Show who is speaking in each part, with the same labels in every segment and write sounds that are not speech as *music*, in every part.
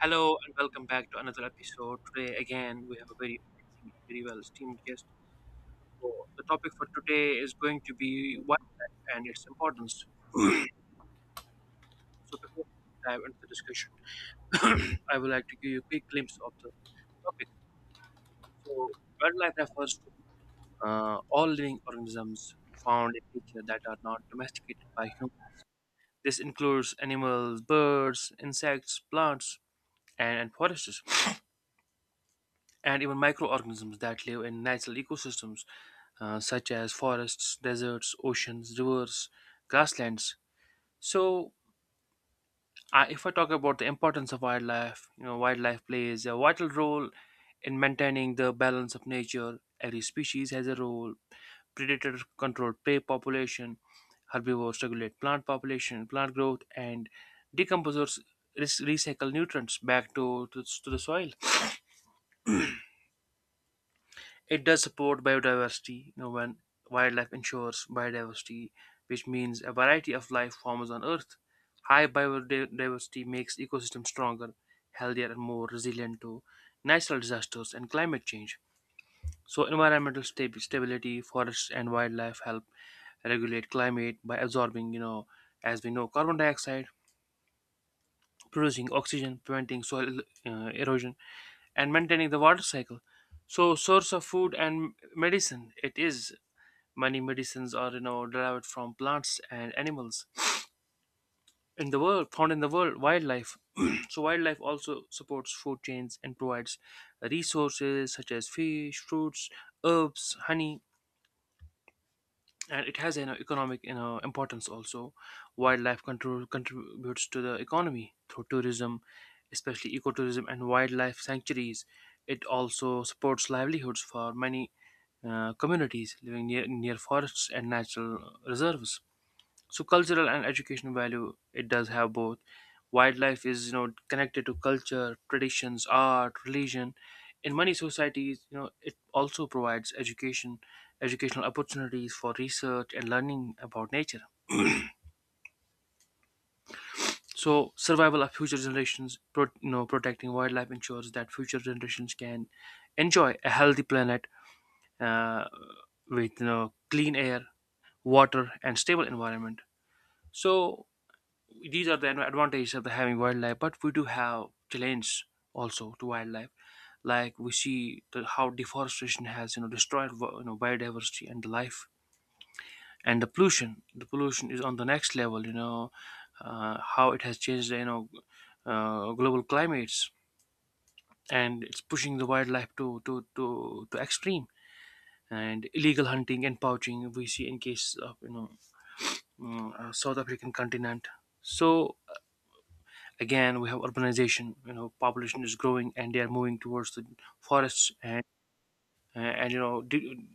Speaker 1: Hello and welcome back to another episode. Today, again, we have a very amazing, very well esteemed guest. So, the topic for today is going to be wildlife and its importance. So, before we dive into the discussion, *clears throat* I would like to give you a quick glimpse of the topic. So, wildlife refers to all living organisms found in nature that are not domesticated by humans. This includes animals, birds, insects, plants, and forests, and even microorganisms that live in natural ecosystems such as forests, deserts, oceans, rivers, grasslands. So, if I talk about the importance of wildlife, wildlife plays a vital role in maintaining the balance of nature. Every species has a role. Predators control prey population, herbivores regulate plant population, plant growth, and decomposers recycle nutrients back to the soil. It does support biodiversity, when wildlife ensures biodiversity, which means a variety of life forms on Earth. High biodiversity makes ecosystems stronger, healthier, and more resilient to natural disasters and climate change. So, environmental stability, forests, and wildlife help regulate climate by absorbing, as we know, carbon dioxide, producing oxygen, preventing soil erosion, and maintaining the water cycle. So, source of food and medicine. It is Many medicines are derived from plants and animals in the world found in the world wildlife. *clears throat* So wildlife also supports food chains and provides resources such as fish, fruits, herbs, honey, and it has an economic importance also. Wildlife control contributes to the economy through tourism, especially ecotourism and wildlife sanctuaries. It also supports livelihoods for many communities living near forests and natural reserves. So cultural and educational value it does have both. Wildlife is connected to culture, traditions, art, religion in many societies. It also provides educational opportunities for research and learning about nature. So, survival of future generations, protecting wildlife ensures that future generations can enjoy a healthy planet uh, with clean air, water, and stable environment. So these are the advantages of the having wildlife, but we do have challenge also to wildlife. Like we see how deforestation has destroyed biodiversity and the life. And the pollution is on the next level. Uh, how it has changed global climates, and it's pushing the wildlife to extreme. And illegal hunting and poaching we see in case of South African continent. So, again, we have urbanization. You know, population is growing, and they are moving towards the forests, and uh, and you know de-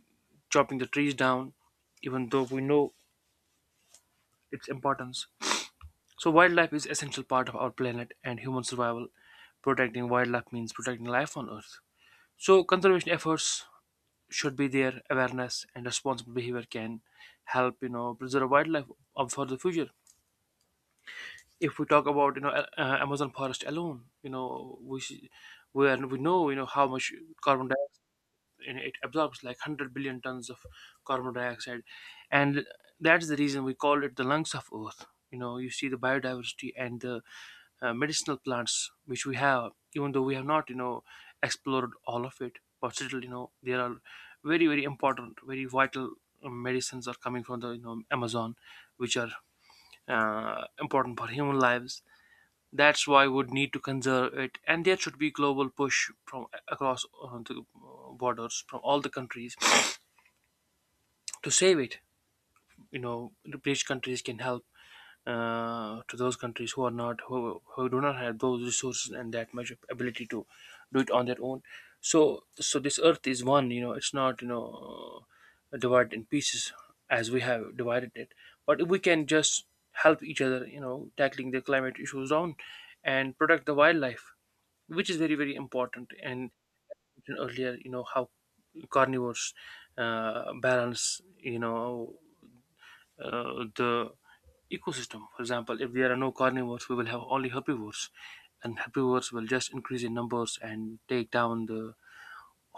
Speaker 1: chopping the trees down, even though we know its importance. So wildlife is essential part of our planet and human survival. Protecting wildlife means protecting life on Earth. So conservation efforts should be there. Awareness and responsible behavior can help preserve wildlife up for the future. If we talk about Amazon forest alone, we are, we know how much carbon dioxide, it absorbs, like 100 billion tons of carbon dioxide, and that's the reason we call it the lungs of Earth. You know, you see the biodiversity and the medicinal plants which we have. Even though we have not explored all of it, but still there are very very important, very vital medicines are coming from the Amazon, which are important for human lives. That's why we would need to conserve it, and there should be global push from across the borders from all the countries to save it. You know, the rich countries can help to those countries who are not, who do not have those resources and that much ability to do it on their own. So this earth is one. You know, it's not, divided in pieces as we have divided it. But if we can just help each other, tackling the climate issues on, and protect the wildlife, which is very very important. And mentioned earlier, how carnivores balance, the ecosystem. For example, if there are no carnivores, we will have only herbivores, and herbivores will just increase in numbers and take down the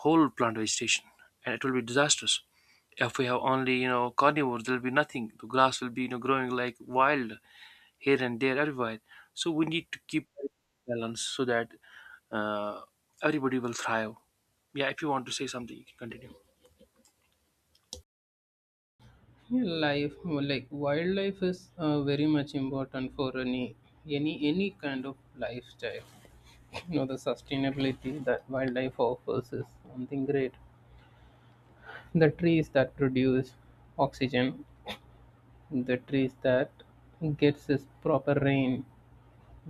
Speaker 1: whole plant vegetation, and it will be disastrous. If we have only carnivores, there will be nothing. The grass will be growing like wild here and there, everywhere. So we need to keep balance so that uh, everybody will thrive. Yeah, if you want to say something, you can continue.
Speaker 2: Yeah, like wildlife is very much important for any kind of lifestyle. *laughs* The sustainability that wildlife offers is something great. The trees that produce oxygen, the trees that gets us proper rain,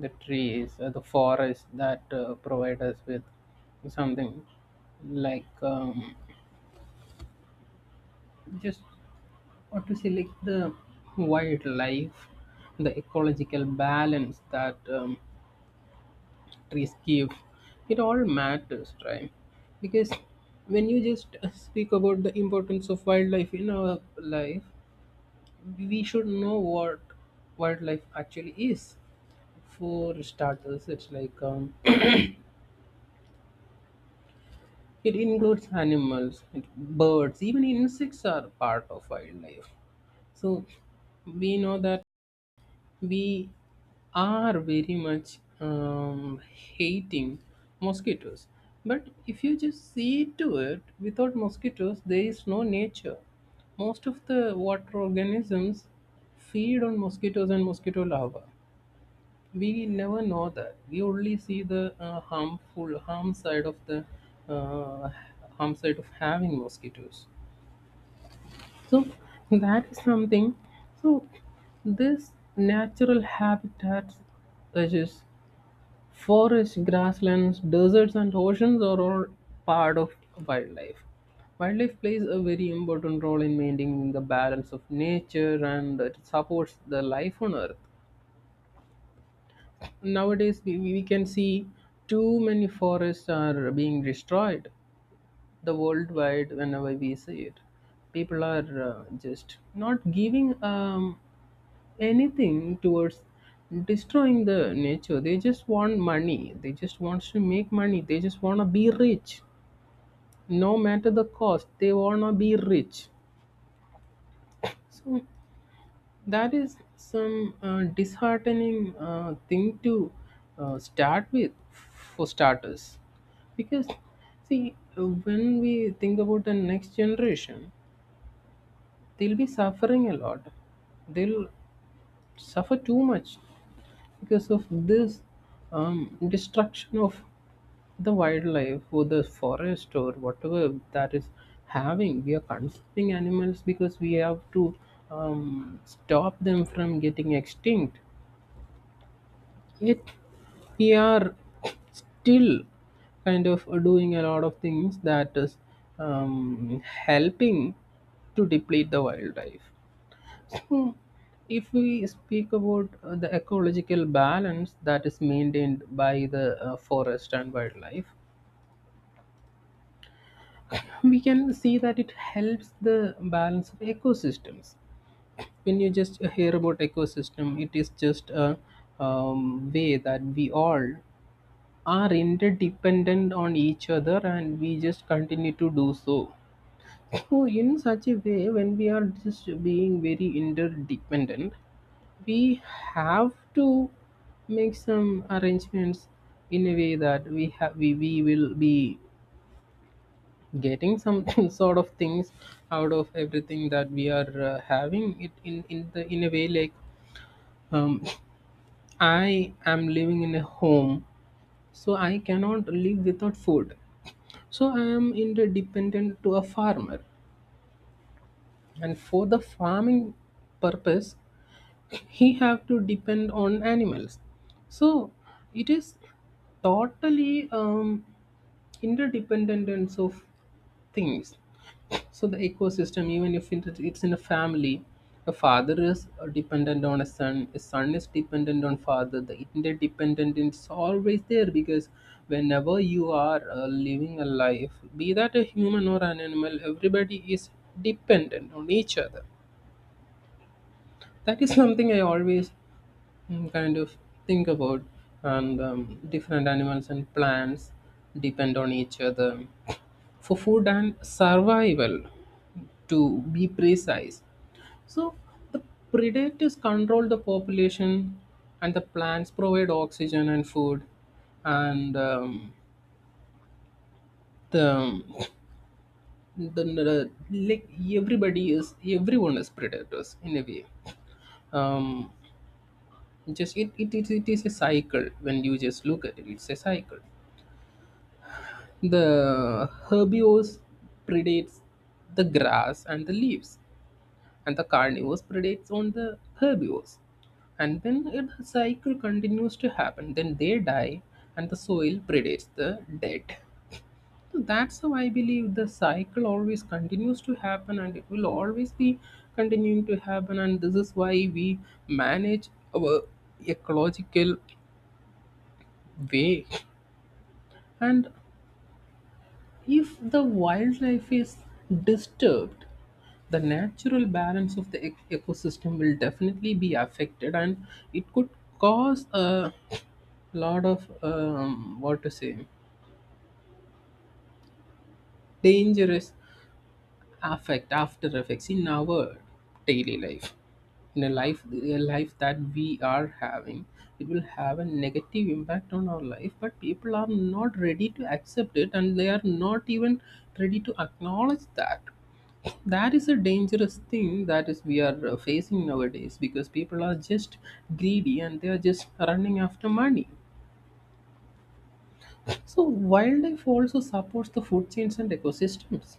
Speaker 2: the forest that provide us with something like just or to select the wildlife, the ecological balance that trees give. It all matters, right? Because when you just speak about the importance of wildlife in our life, we should know what wildlife actually is. For starters, it's like *clears throat* it includes animals, birds, even insects are part of wildlife. So we know that we are very much hating mosquitoes. But if you just see to it, without mosquitoes, there is no nature. Most of the water organisms feed on mosquitoes and mosquito larvae. We never know that. We only see the uh, harm side of having mosquitoes. So *laughs* that is something. So this natural habitats, such as forests, grasslands, deserts, and oceans, are all part of wildlife. Wildlife plays a very important role in maintaining the balance of nature, and it supports the life on earth. Nowadays, we can see too many forests are being destroyed the worldwide. Whenever we see it, people are just not giving anything towards destroying the nature. They just want money. They just wants to make money. They just want to be rich, no matter the cost. They want to be rich. So that is some disheartening thing to start with, for starters, because see when we think about the next generation, they'll be suffering a lot. They'll suffer too much because of this destruction of the wildlife or the forest or whatever that is having. We are consuming animals because we have to stop them from getting extinct, yet we are still kind of doing a lot of things that is helping to deplete the wildlife. Hmm. If we speak about the ecological balance that is maintained by the forest and wildlife, we can see that it helps the balance of ecosystems. When you just hear about ecosystem, it is just a way that we all are interdependent on each other, and we just continue to do so. So, in such a way, when we are just being very interdependent, we have to make some arrangements in a way that we will be getting some *laughs* sort of things out of everything that we are having it in a way like um, *sniffs* I am living in a home, so I cannot live without food, so I am interdependent to a farmer, and for the farming purpose, he have to depend on animals. So it is totally interdependence of things. So the ecosystem, even if it's in a family, a father is dependent on a son, a son is dependent on father. The interdependent is always there because whenever you are living a life, be that a human or an animal, everybody is dependent on each other. That is something I always kind of think about. And different animals and plants depend on each other for food and survival, to be precise. So the predators control the population, and the plants provide oxygen and food. And the, the like everybody is everyone is predators in a way, um, just it is a cycle. When you just look at it, it's a cycle. The herbivores predates the grass and the leaves, and the carnivores predates on the herbivores. And then the cycle continues to happen. Then they die, and the soil predates the dead. So that's how I believe the cycle always continues to happen, and it will always be continuing to happen. And this is why we manage our ecological way. And if the wildlife is disturbed, the natural balance of the ecosystem will definitely be affected, and it could cause a lot of what to say dangerous affect after effects in our daily life, in a life that we are having. It will have a negative impact on our life, but people are not ready to accept it, and they are not even ready to acknowledge that. That is a dangerous thing that is we are facing nowadays because people are just greedy and they are just running after money. So wildlife also supports the food chains and ecosystems.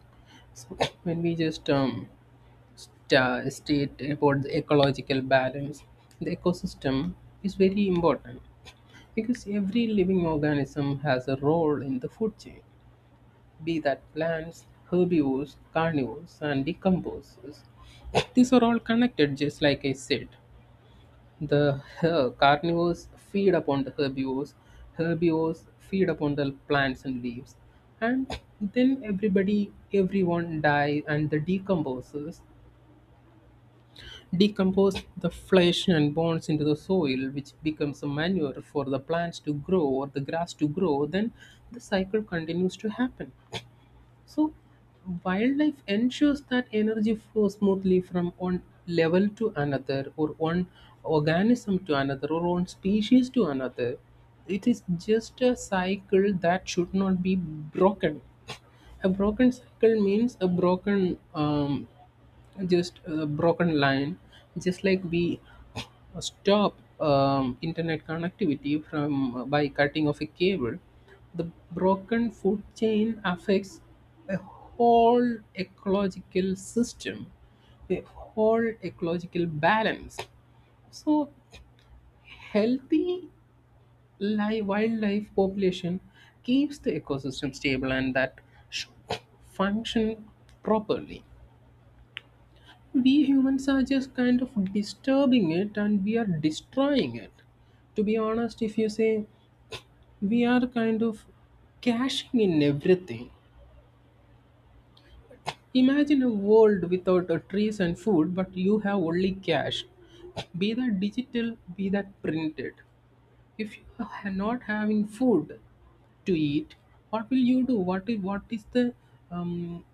Speaker 2: So *clears throat* when we just state about the ecological balance, the ecosystem is very important because every living organism has a role in the food chain, be that plants, herbivores, carnivores, and decomposers. These are all connected, just like I said. The carnivores feed upon the herbivores, herbivores feed upon the plants and leaves, and then everyone dies and decompose the flesh and bones into the soil, which becomes a manure for the plants to grow or the grass to grow. Then the cycle continues to happen. So, wildlife ensures that energy flows smoothly from one level to another, or one organism to another, or one species to another. It is just a cycle that should not be broken. A broken cycle means a broken, just a broken line, just like we stop internet connectivity from by cutting off a cable. The broken food chain affects a whole ecological system, a whole ecological balance. So healthy live wildlife population keeps the ecosystem stable, and that should function properly. We humans are just kind of disturbing it and we are destroying it. To be honest, if you say, we are kind of cashing in everything. Imagine a world without trees and food, but you have only cash. Be that digital, be that printed. If you are not having food to eat, what will you do? What is the um,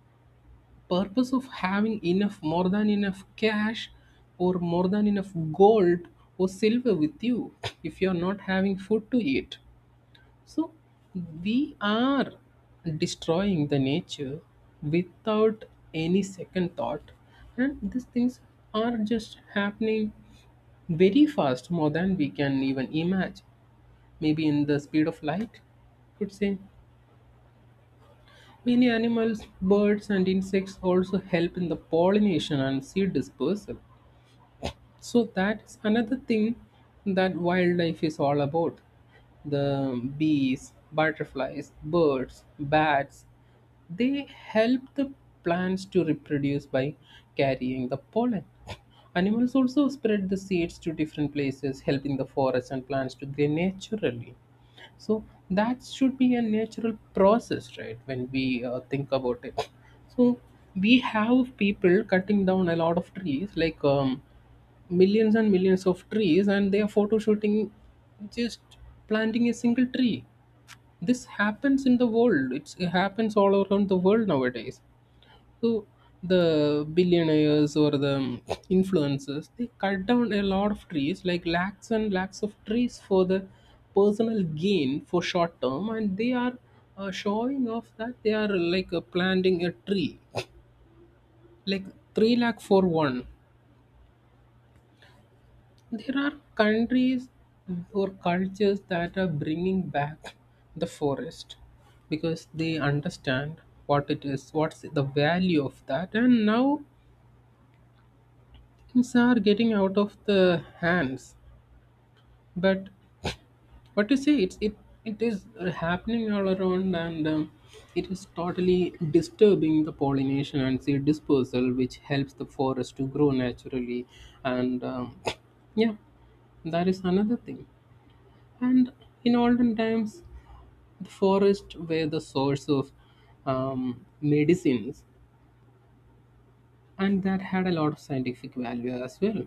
Speaker 2: purpose of having enough, more than enough cash, or more than enough gold or silver with you if you are not having food to eat? So we are destroying the nature without any second thought, and these things are just happening very fast, more than we can even imagine, maybe in the speed of light, could say. Many animals, birds, and insects also help in the pollination and seed dispersal, so that's another thing that wildlife is all about. The bees, butterflies, birds, bats, they help the plants to reproduce by carrying the pollen. Animals also spread the seeds to different places, helping the forest and plants to grow naturally. So that should be a natural process, right? When we think about it. So we have people cutting down a lot of trees, like millions and millions of trees, and they are photo shooting just planting a single tree. This happens in the world. It's, it happens all around the world nowadays. So the billionaires or the influencers, they cut down a lot of trees, like lakhs and lakhs of trees for the personal gain for short term, and they are showing off that they are like planting a tree like 3 lakh for one. There are countries or cultures that are bringing back the forest because they understand what it is, what's the value of that, and now things are getting out of the hands. But what you say, it is happening all around, and it is totally disturbing the pollination and seed dispersal, which helps the forest to grow naturally, and *clears throat* yeah, that is another thing. And in olden times, the forests were the source of medicines, and that had a lot of scientific value as well.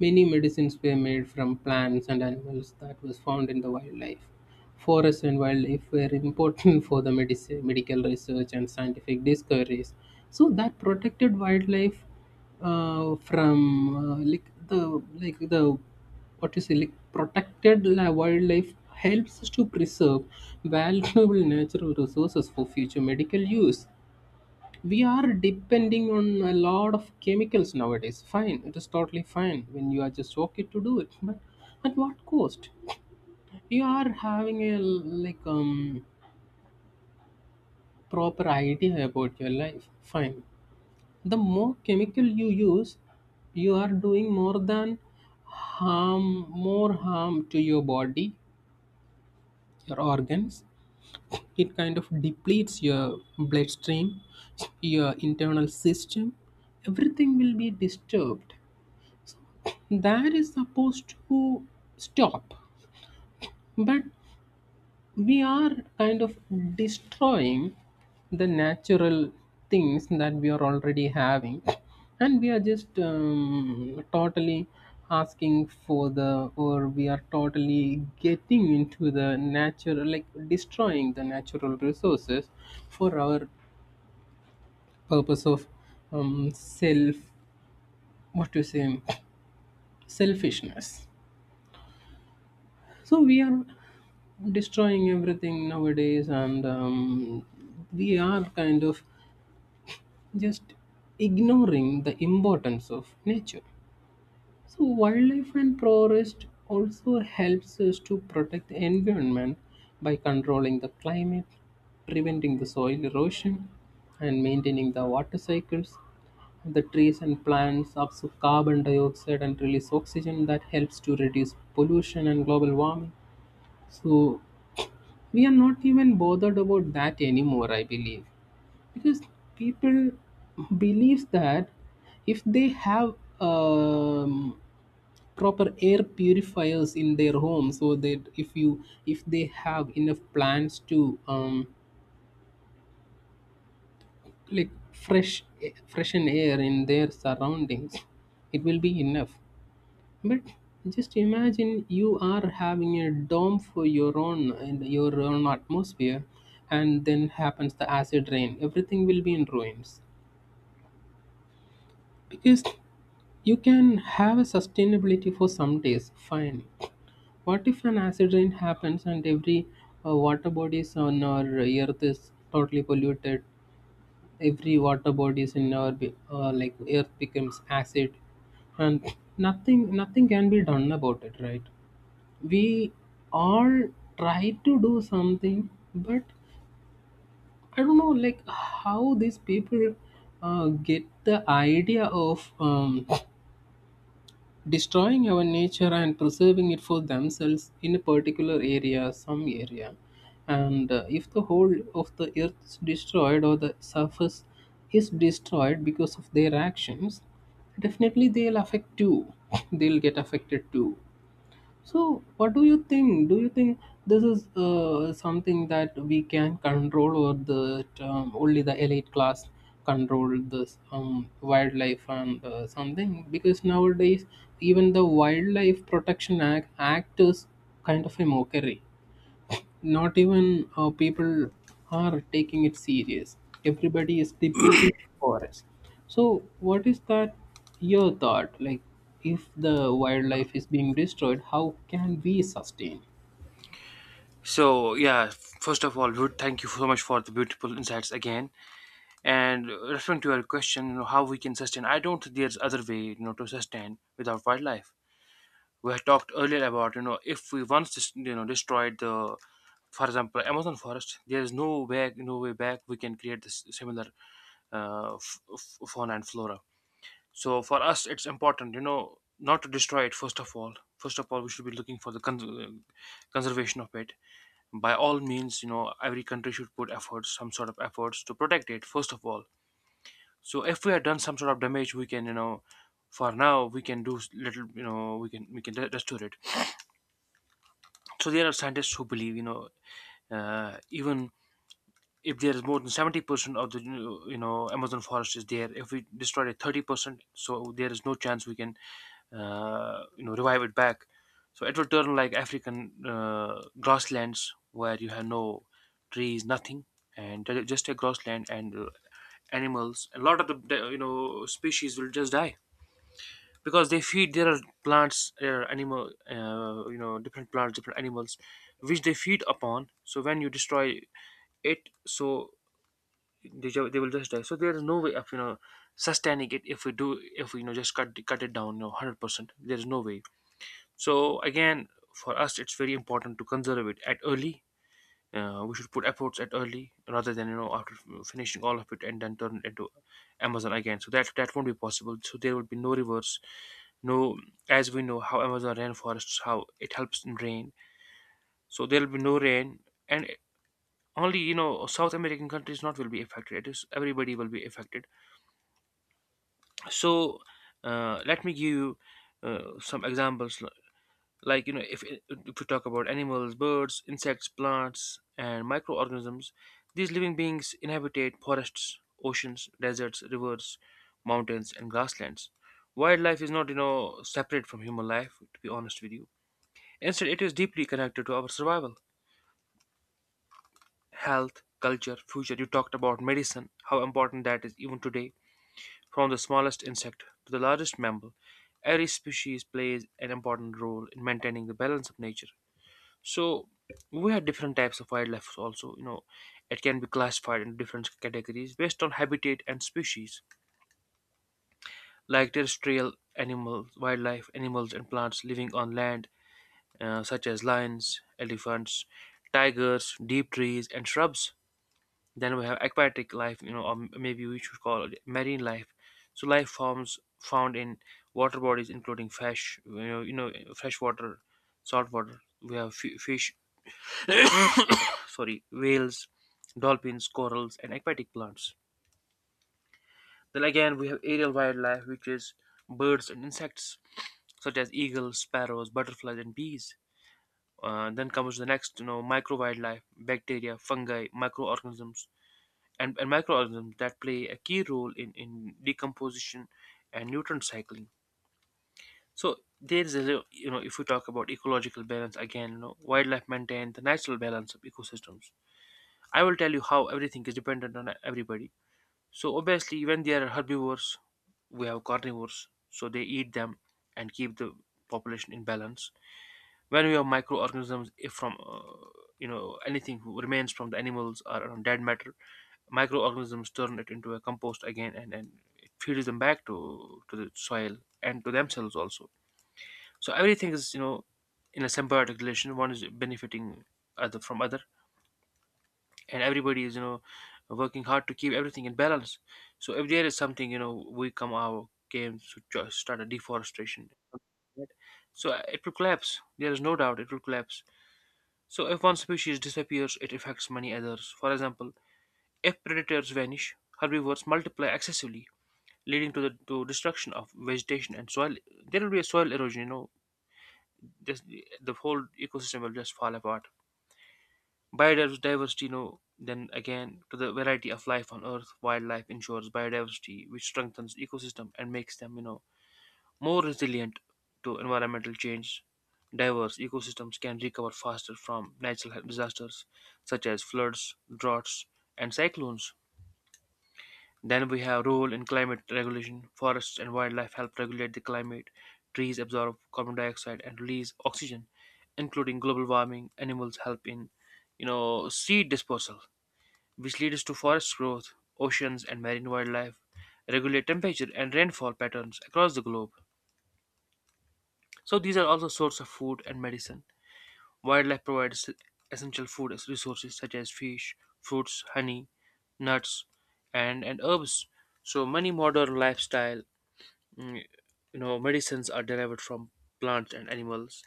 Speaker 2: Many medicines were made from plants and animals that was found in the wildlife. Forests and wildlife were important *laughs* for the medical research and scientific discoveries. So that protected wildlife from like the what you say, like protected wildlife helps us to preserve valuable *laughs* natural resources for future medical use. We are depending on a lot of chemicals nowadays. Fine, it is totally fine when you are just okay to do it, but at what cost? You are having a like proper idea about your life, fine. The more chemical you use, you are doing more harm to your body, your organs. It kind of depletes your bloodstream, your internal system. Everything will be disturbed that is supposed to stop. But we are kind of destroying the natural things that we are already having, and we are just totally asking for the or we are totally getting into the natural, like destroying the natural resources for our purpose of self, what to say, selfishness. So we are destroying everything nowadays, and we are kind of just ignoring the importance of nature. So wildlife and forest also helps us to protect the environment by controlling the climate, preventing the soil erosion, and maintaining the water cycles. The trees and plants absorb carbon dioxide and release oxygen that helps to reduce pollution and global warming. So we are not even bothered about that anymore, I believe, because people believes that if they have um, proper air purifiers in their home, so that if you if they have enough plants to like freshen air in their surroundings, it will be enough. But just imagine you are having a dome for your own and your own atmosphere, and then happens the acid rain. Everything will be in ruins because you can have a sustainability for some days. Fine. What if an acid rain happens and every water bodies on our earth is totally polluted? Every water bodies in our like earth becomes acid, and nothing can be done about it, right? We all try to do something, but I don't know like how these people get the idea of destroying our nature and preserving it for themselves in a particular area, some area. And if the whole of the earth is destroyed or the surface is destroyed because of their actions, definitely they'll affect too. *laughs* They'll get affected too. So, what do you think? Do you think this is something that we can control, or the only the elite class control this wildlife and something? Because nowadays, even the Wildlife Protection Act is kind of a mockery. Not even people are taking it serious. Everybody is depleting forest. So what is that, your thought, like if the wildlife is being destroyed, how can we sustain?
Speaker 1: So yeah, first of all, Ruth, thank you so much for the beautiful insights again. And referring to your question, how we can sustain, I don't think there's other way, to sustain without wildlife. We had talked earlier about, if we once, destroyed for example, Amazon forest, there is no way, no way back. We can create this similar fauna and flora. So for us, it's important, not to destroy it. First of all, we should be looking for the conservation of it. By all means, every country should put efforts, some sort of efforts to protect it. First of all, so if we have done some sort of damage, we can, for now we can do little, we can restore it. So there are scientists who believe, even if there is more than 70% of the Amazon forest is there, if we destroy it 30%, so there is no chance we can revive it back. So it will turn like African grasslands, where you have no trees, nothing, and there is just a grassland. And animals, a lot of the species will just die, because they feed their plants, their animal, different plants, different animals, which they feed upon. So when you destroy it, so they will just die. So there is no way of sustaining it. If we do if we just cut it down, 100%, there is no way. So again, for us, it's very important to conserve it at early. Uh, we should put efforts at early rather than after finishing all of it and then turn it into Amazon again. So that that won't be possible. So there will be no reverse, no. As we know how Amazon rainforests, how it helps in rain, so there will be no rain. And only South American countries not will be affected. It is everybody will be affected. So let me give you some examples, like if we talk about animals, birds, insects, plants, and microorganisms, these living beings inhabitate forests, oceans, deserts, rivers, mountains, and grasslands. Wildlife is not separate from human life, to be honest with you. Instead, it is deeply connected to our survival, health, culture, future. You talked about medicine, how important that is even today. From the smallest insect to the largest mammal, every species plays an important role in maintaining the balance of nature. So we have different types of wildlife also. You know, it can be classified into different categories based on habitat and species, like terrestrial animals, wildlife, animals and plants living on land, such as lions, elephants, tigers, deep trees, and shrubs. Then we have aquatic life, or maybe we should call it marine life. So life forms found in water bodies, including fish, freshwater, saltwater. We have fish, *coughs* sorry, whales, dolphins, corals, and aquatic plants. Then again, we have aerial wildlife, which is birds and insects, such as eagles, sparrows, butterflies, and bees. Uh, then comes the next, micro wildlife, bacteria, fungi, microorganisms, and microorganisms that play a key role in decomposition and nutrient cycling. So there is a you know if we talk about ecological balance again, wildlife maintain the natural balance of ecosystems. I will tell you how everything is dependent on everybody. So obviously when there are herbivores, we have carnivores, so they eat them and keep the population in balance. When we have microorganisms, if from you know, anything remains from the animals or on dead matter, microorganisms turn it into a compost again, and it feeds them back to the soil and to themselves also. So everything is, you know, in a symbiotic relation, one is benefiting other from other, and everybody is, you know, working hard to keep everything in balance. So if there is something, you know, we come our game to just start a deforestation, right? So it will collapse, there is no doubt it will collapse. So if one species disappears, it affects many others. For example, if predators vanish, herbivores multiply excessively, leading to destruction of vegetation and soil. There will be a soil erosion. Just the whole ecosystem will just fall apart. Biodiversity, then again to the variety of life on Earth, wildlife ensures biodiversity, which strengthens ecosystem and makes them, more resilient to environmental change. Diverse ecosystems can recover faster from natural disasters such as floods, droughts, and cyclones. Then we have role in climate regulation. Forests and wildlife help regulate the climate. Trees absorb carbon dioxide and release oxygen, including global warming. Animals help in, seed dispersal, which leads to forest growth. Oceans and marine wildlife regulate temperature and rainfall patterns across the globe. So these are also source of food and medicine. Wildlife provides essential food as resources such as fish, fruits, honey, nuts, and herbs. So many modern lifestyle mm, medicines are derived from plants and animals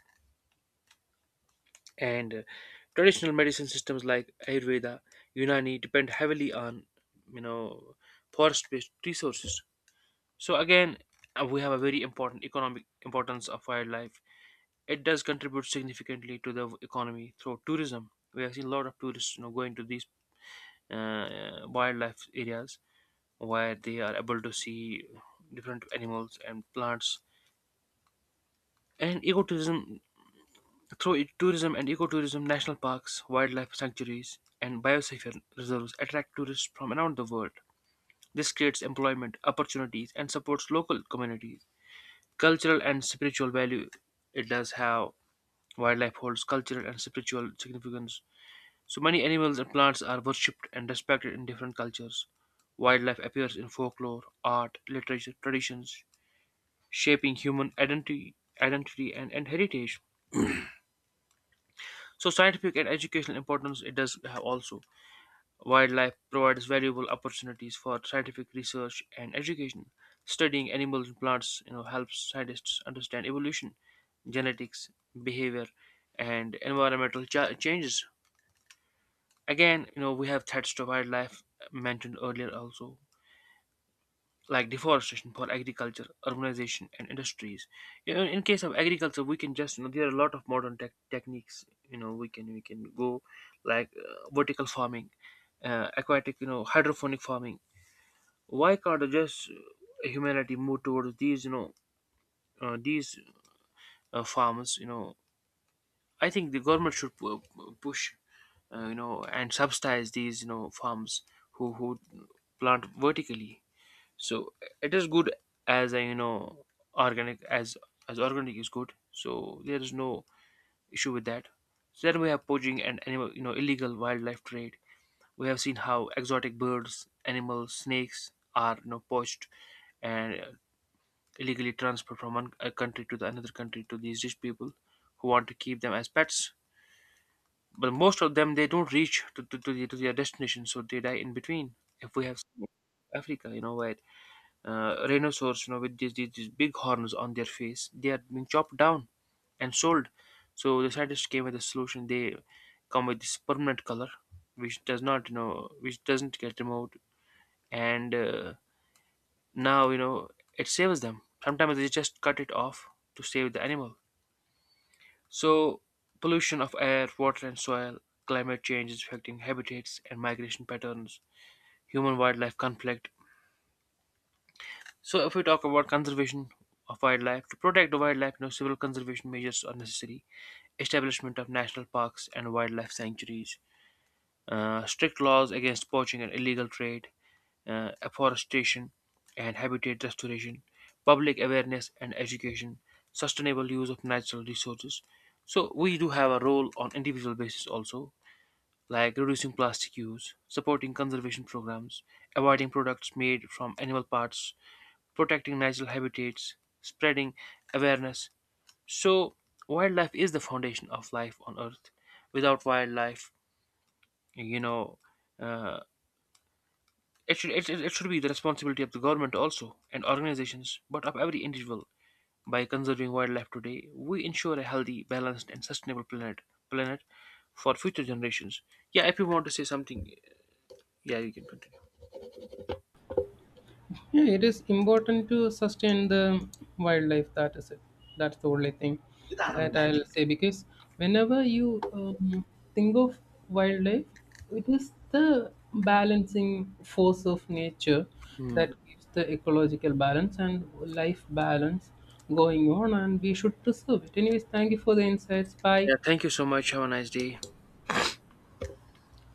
Speaker 1: and traditional medicine systems like ayurveda, unani depend heavily on, you know forest based resources. So again, we have a very important economic importance of wildlife. It does contribute significantly to the economy through tourism. We have seen a lot of tourists, going to these wildlife areas where they are able to see different animals and plants and ecotourism. Through it, tourism and ecotourism, national parks, wildlife sanctuaries, and biosphere reserves attract tourists from around the world. This creates employment opportunities and supports local communities. Cultural and spiritual value it does have. Wildlife holds cultural and spiritual significance. So many animals and plants are worshipped and respected in different cultures. Wildlife appears in folklore, art, literature, traditions, shaping human identity, identity and heritage. So scientific and educational importance it does have also. Wildlife provides valuable opportunities for scientific research and education. Studying animals and plants, helps scientists understand evolution, genetics, behavior, and environmental changes. Again, we have threats to wildlife mentioned earlier also, like deforestation for agriculture, urbanization, and industries. You know, in case of agriculture, we can just, there are a lot of modern techniques. You know, we can go like vertical farming, aquatic, hydroponic farming. Why can't just, humanity move towards these, these, farmers? I think the government should push, you know, and subsidize these, farms who plant vertically. So it is good as a, organic, as organic is good, so there is no issue with that. So then we have poaching and animal, illegal wildlife trade. We have seen how exotic birds, animals, snakes are, poached and illegally transferred from one a country to the another country to these rich people who want to keep them as pets. But most of them they don't reach to their destination, so they die in between. If we have seen Africa, where rhinoceros, with these big horns on their face, they are being chopped down and sold. So the scientists came with a solution. They come with this permanent color, which does not, which doesn't get removed, and now, you know, it saves them. Sometimes they just cut it off to save the animal. So pollution of air, water and soil, climate change is affecting habitats and migration patterns, human wildlife conflict. So if we talk about conservation of wildlife, to protect the wildlife, you know, civil conservation measures are necessary: establishment of national parks and wildlife sanctuaries, strict laws against poaching and illegal trade, afforestation and habitat restoration, public awareness and education, sustainable use of natural resources. So we do have a role on individual basis also, like reducing plastic use, supporting conservation programs, avoiding products made from animal parts, protecting natural habitats, spreading awareness. So wildlife is the foundation of life on earth. Without wildlife, you know, uh, it should, it should be the responsibility of the government also and organizations, but of every individual. By conserving wildlife today, we ensure a healthy, balanced, and sustainable planet for future generations. Yeah, if you want to say something, yeah, you can continue.
Speaker 2: Yeah, it is important to sustain the wildlife. That is it. That's the only thing that
Speaker 1: Mm.
Speaker 2: I'll say because whenever you think of wildlife, it is the balancing force of nature
Speaker 1: Hmm.
Speaker 2: that gives the ecological balance and life balance going on, and we should preserve it. Anyways, thank you for the insights. Bye.
Speaker 1: Yeah, thank you so much. Have a nice day.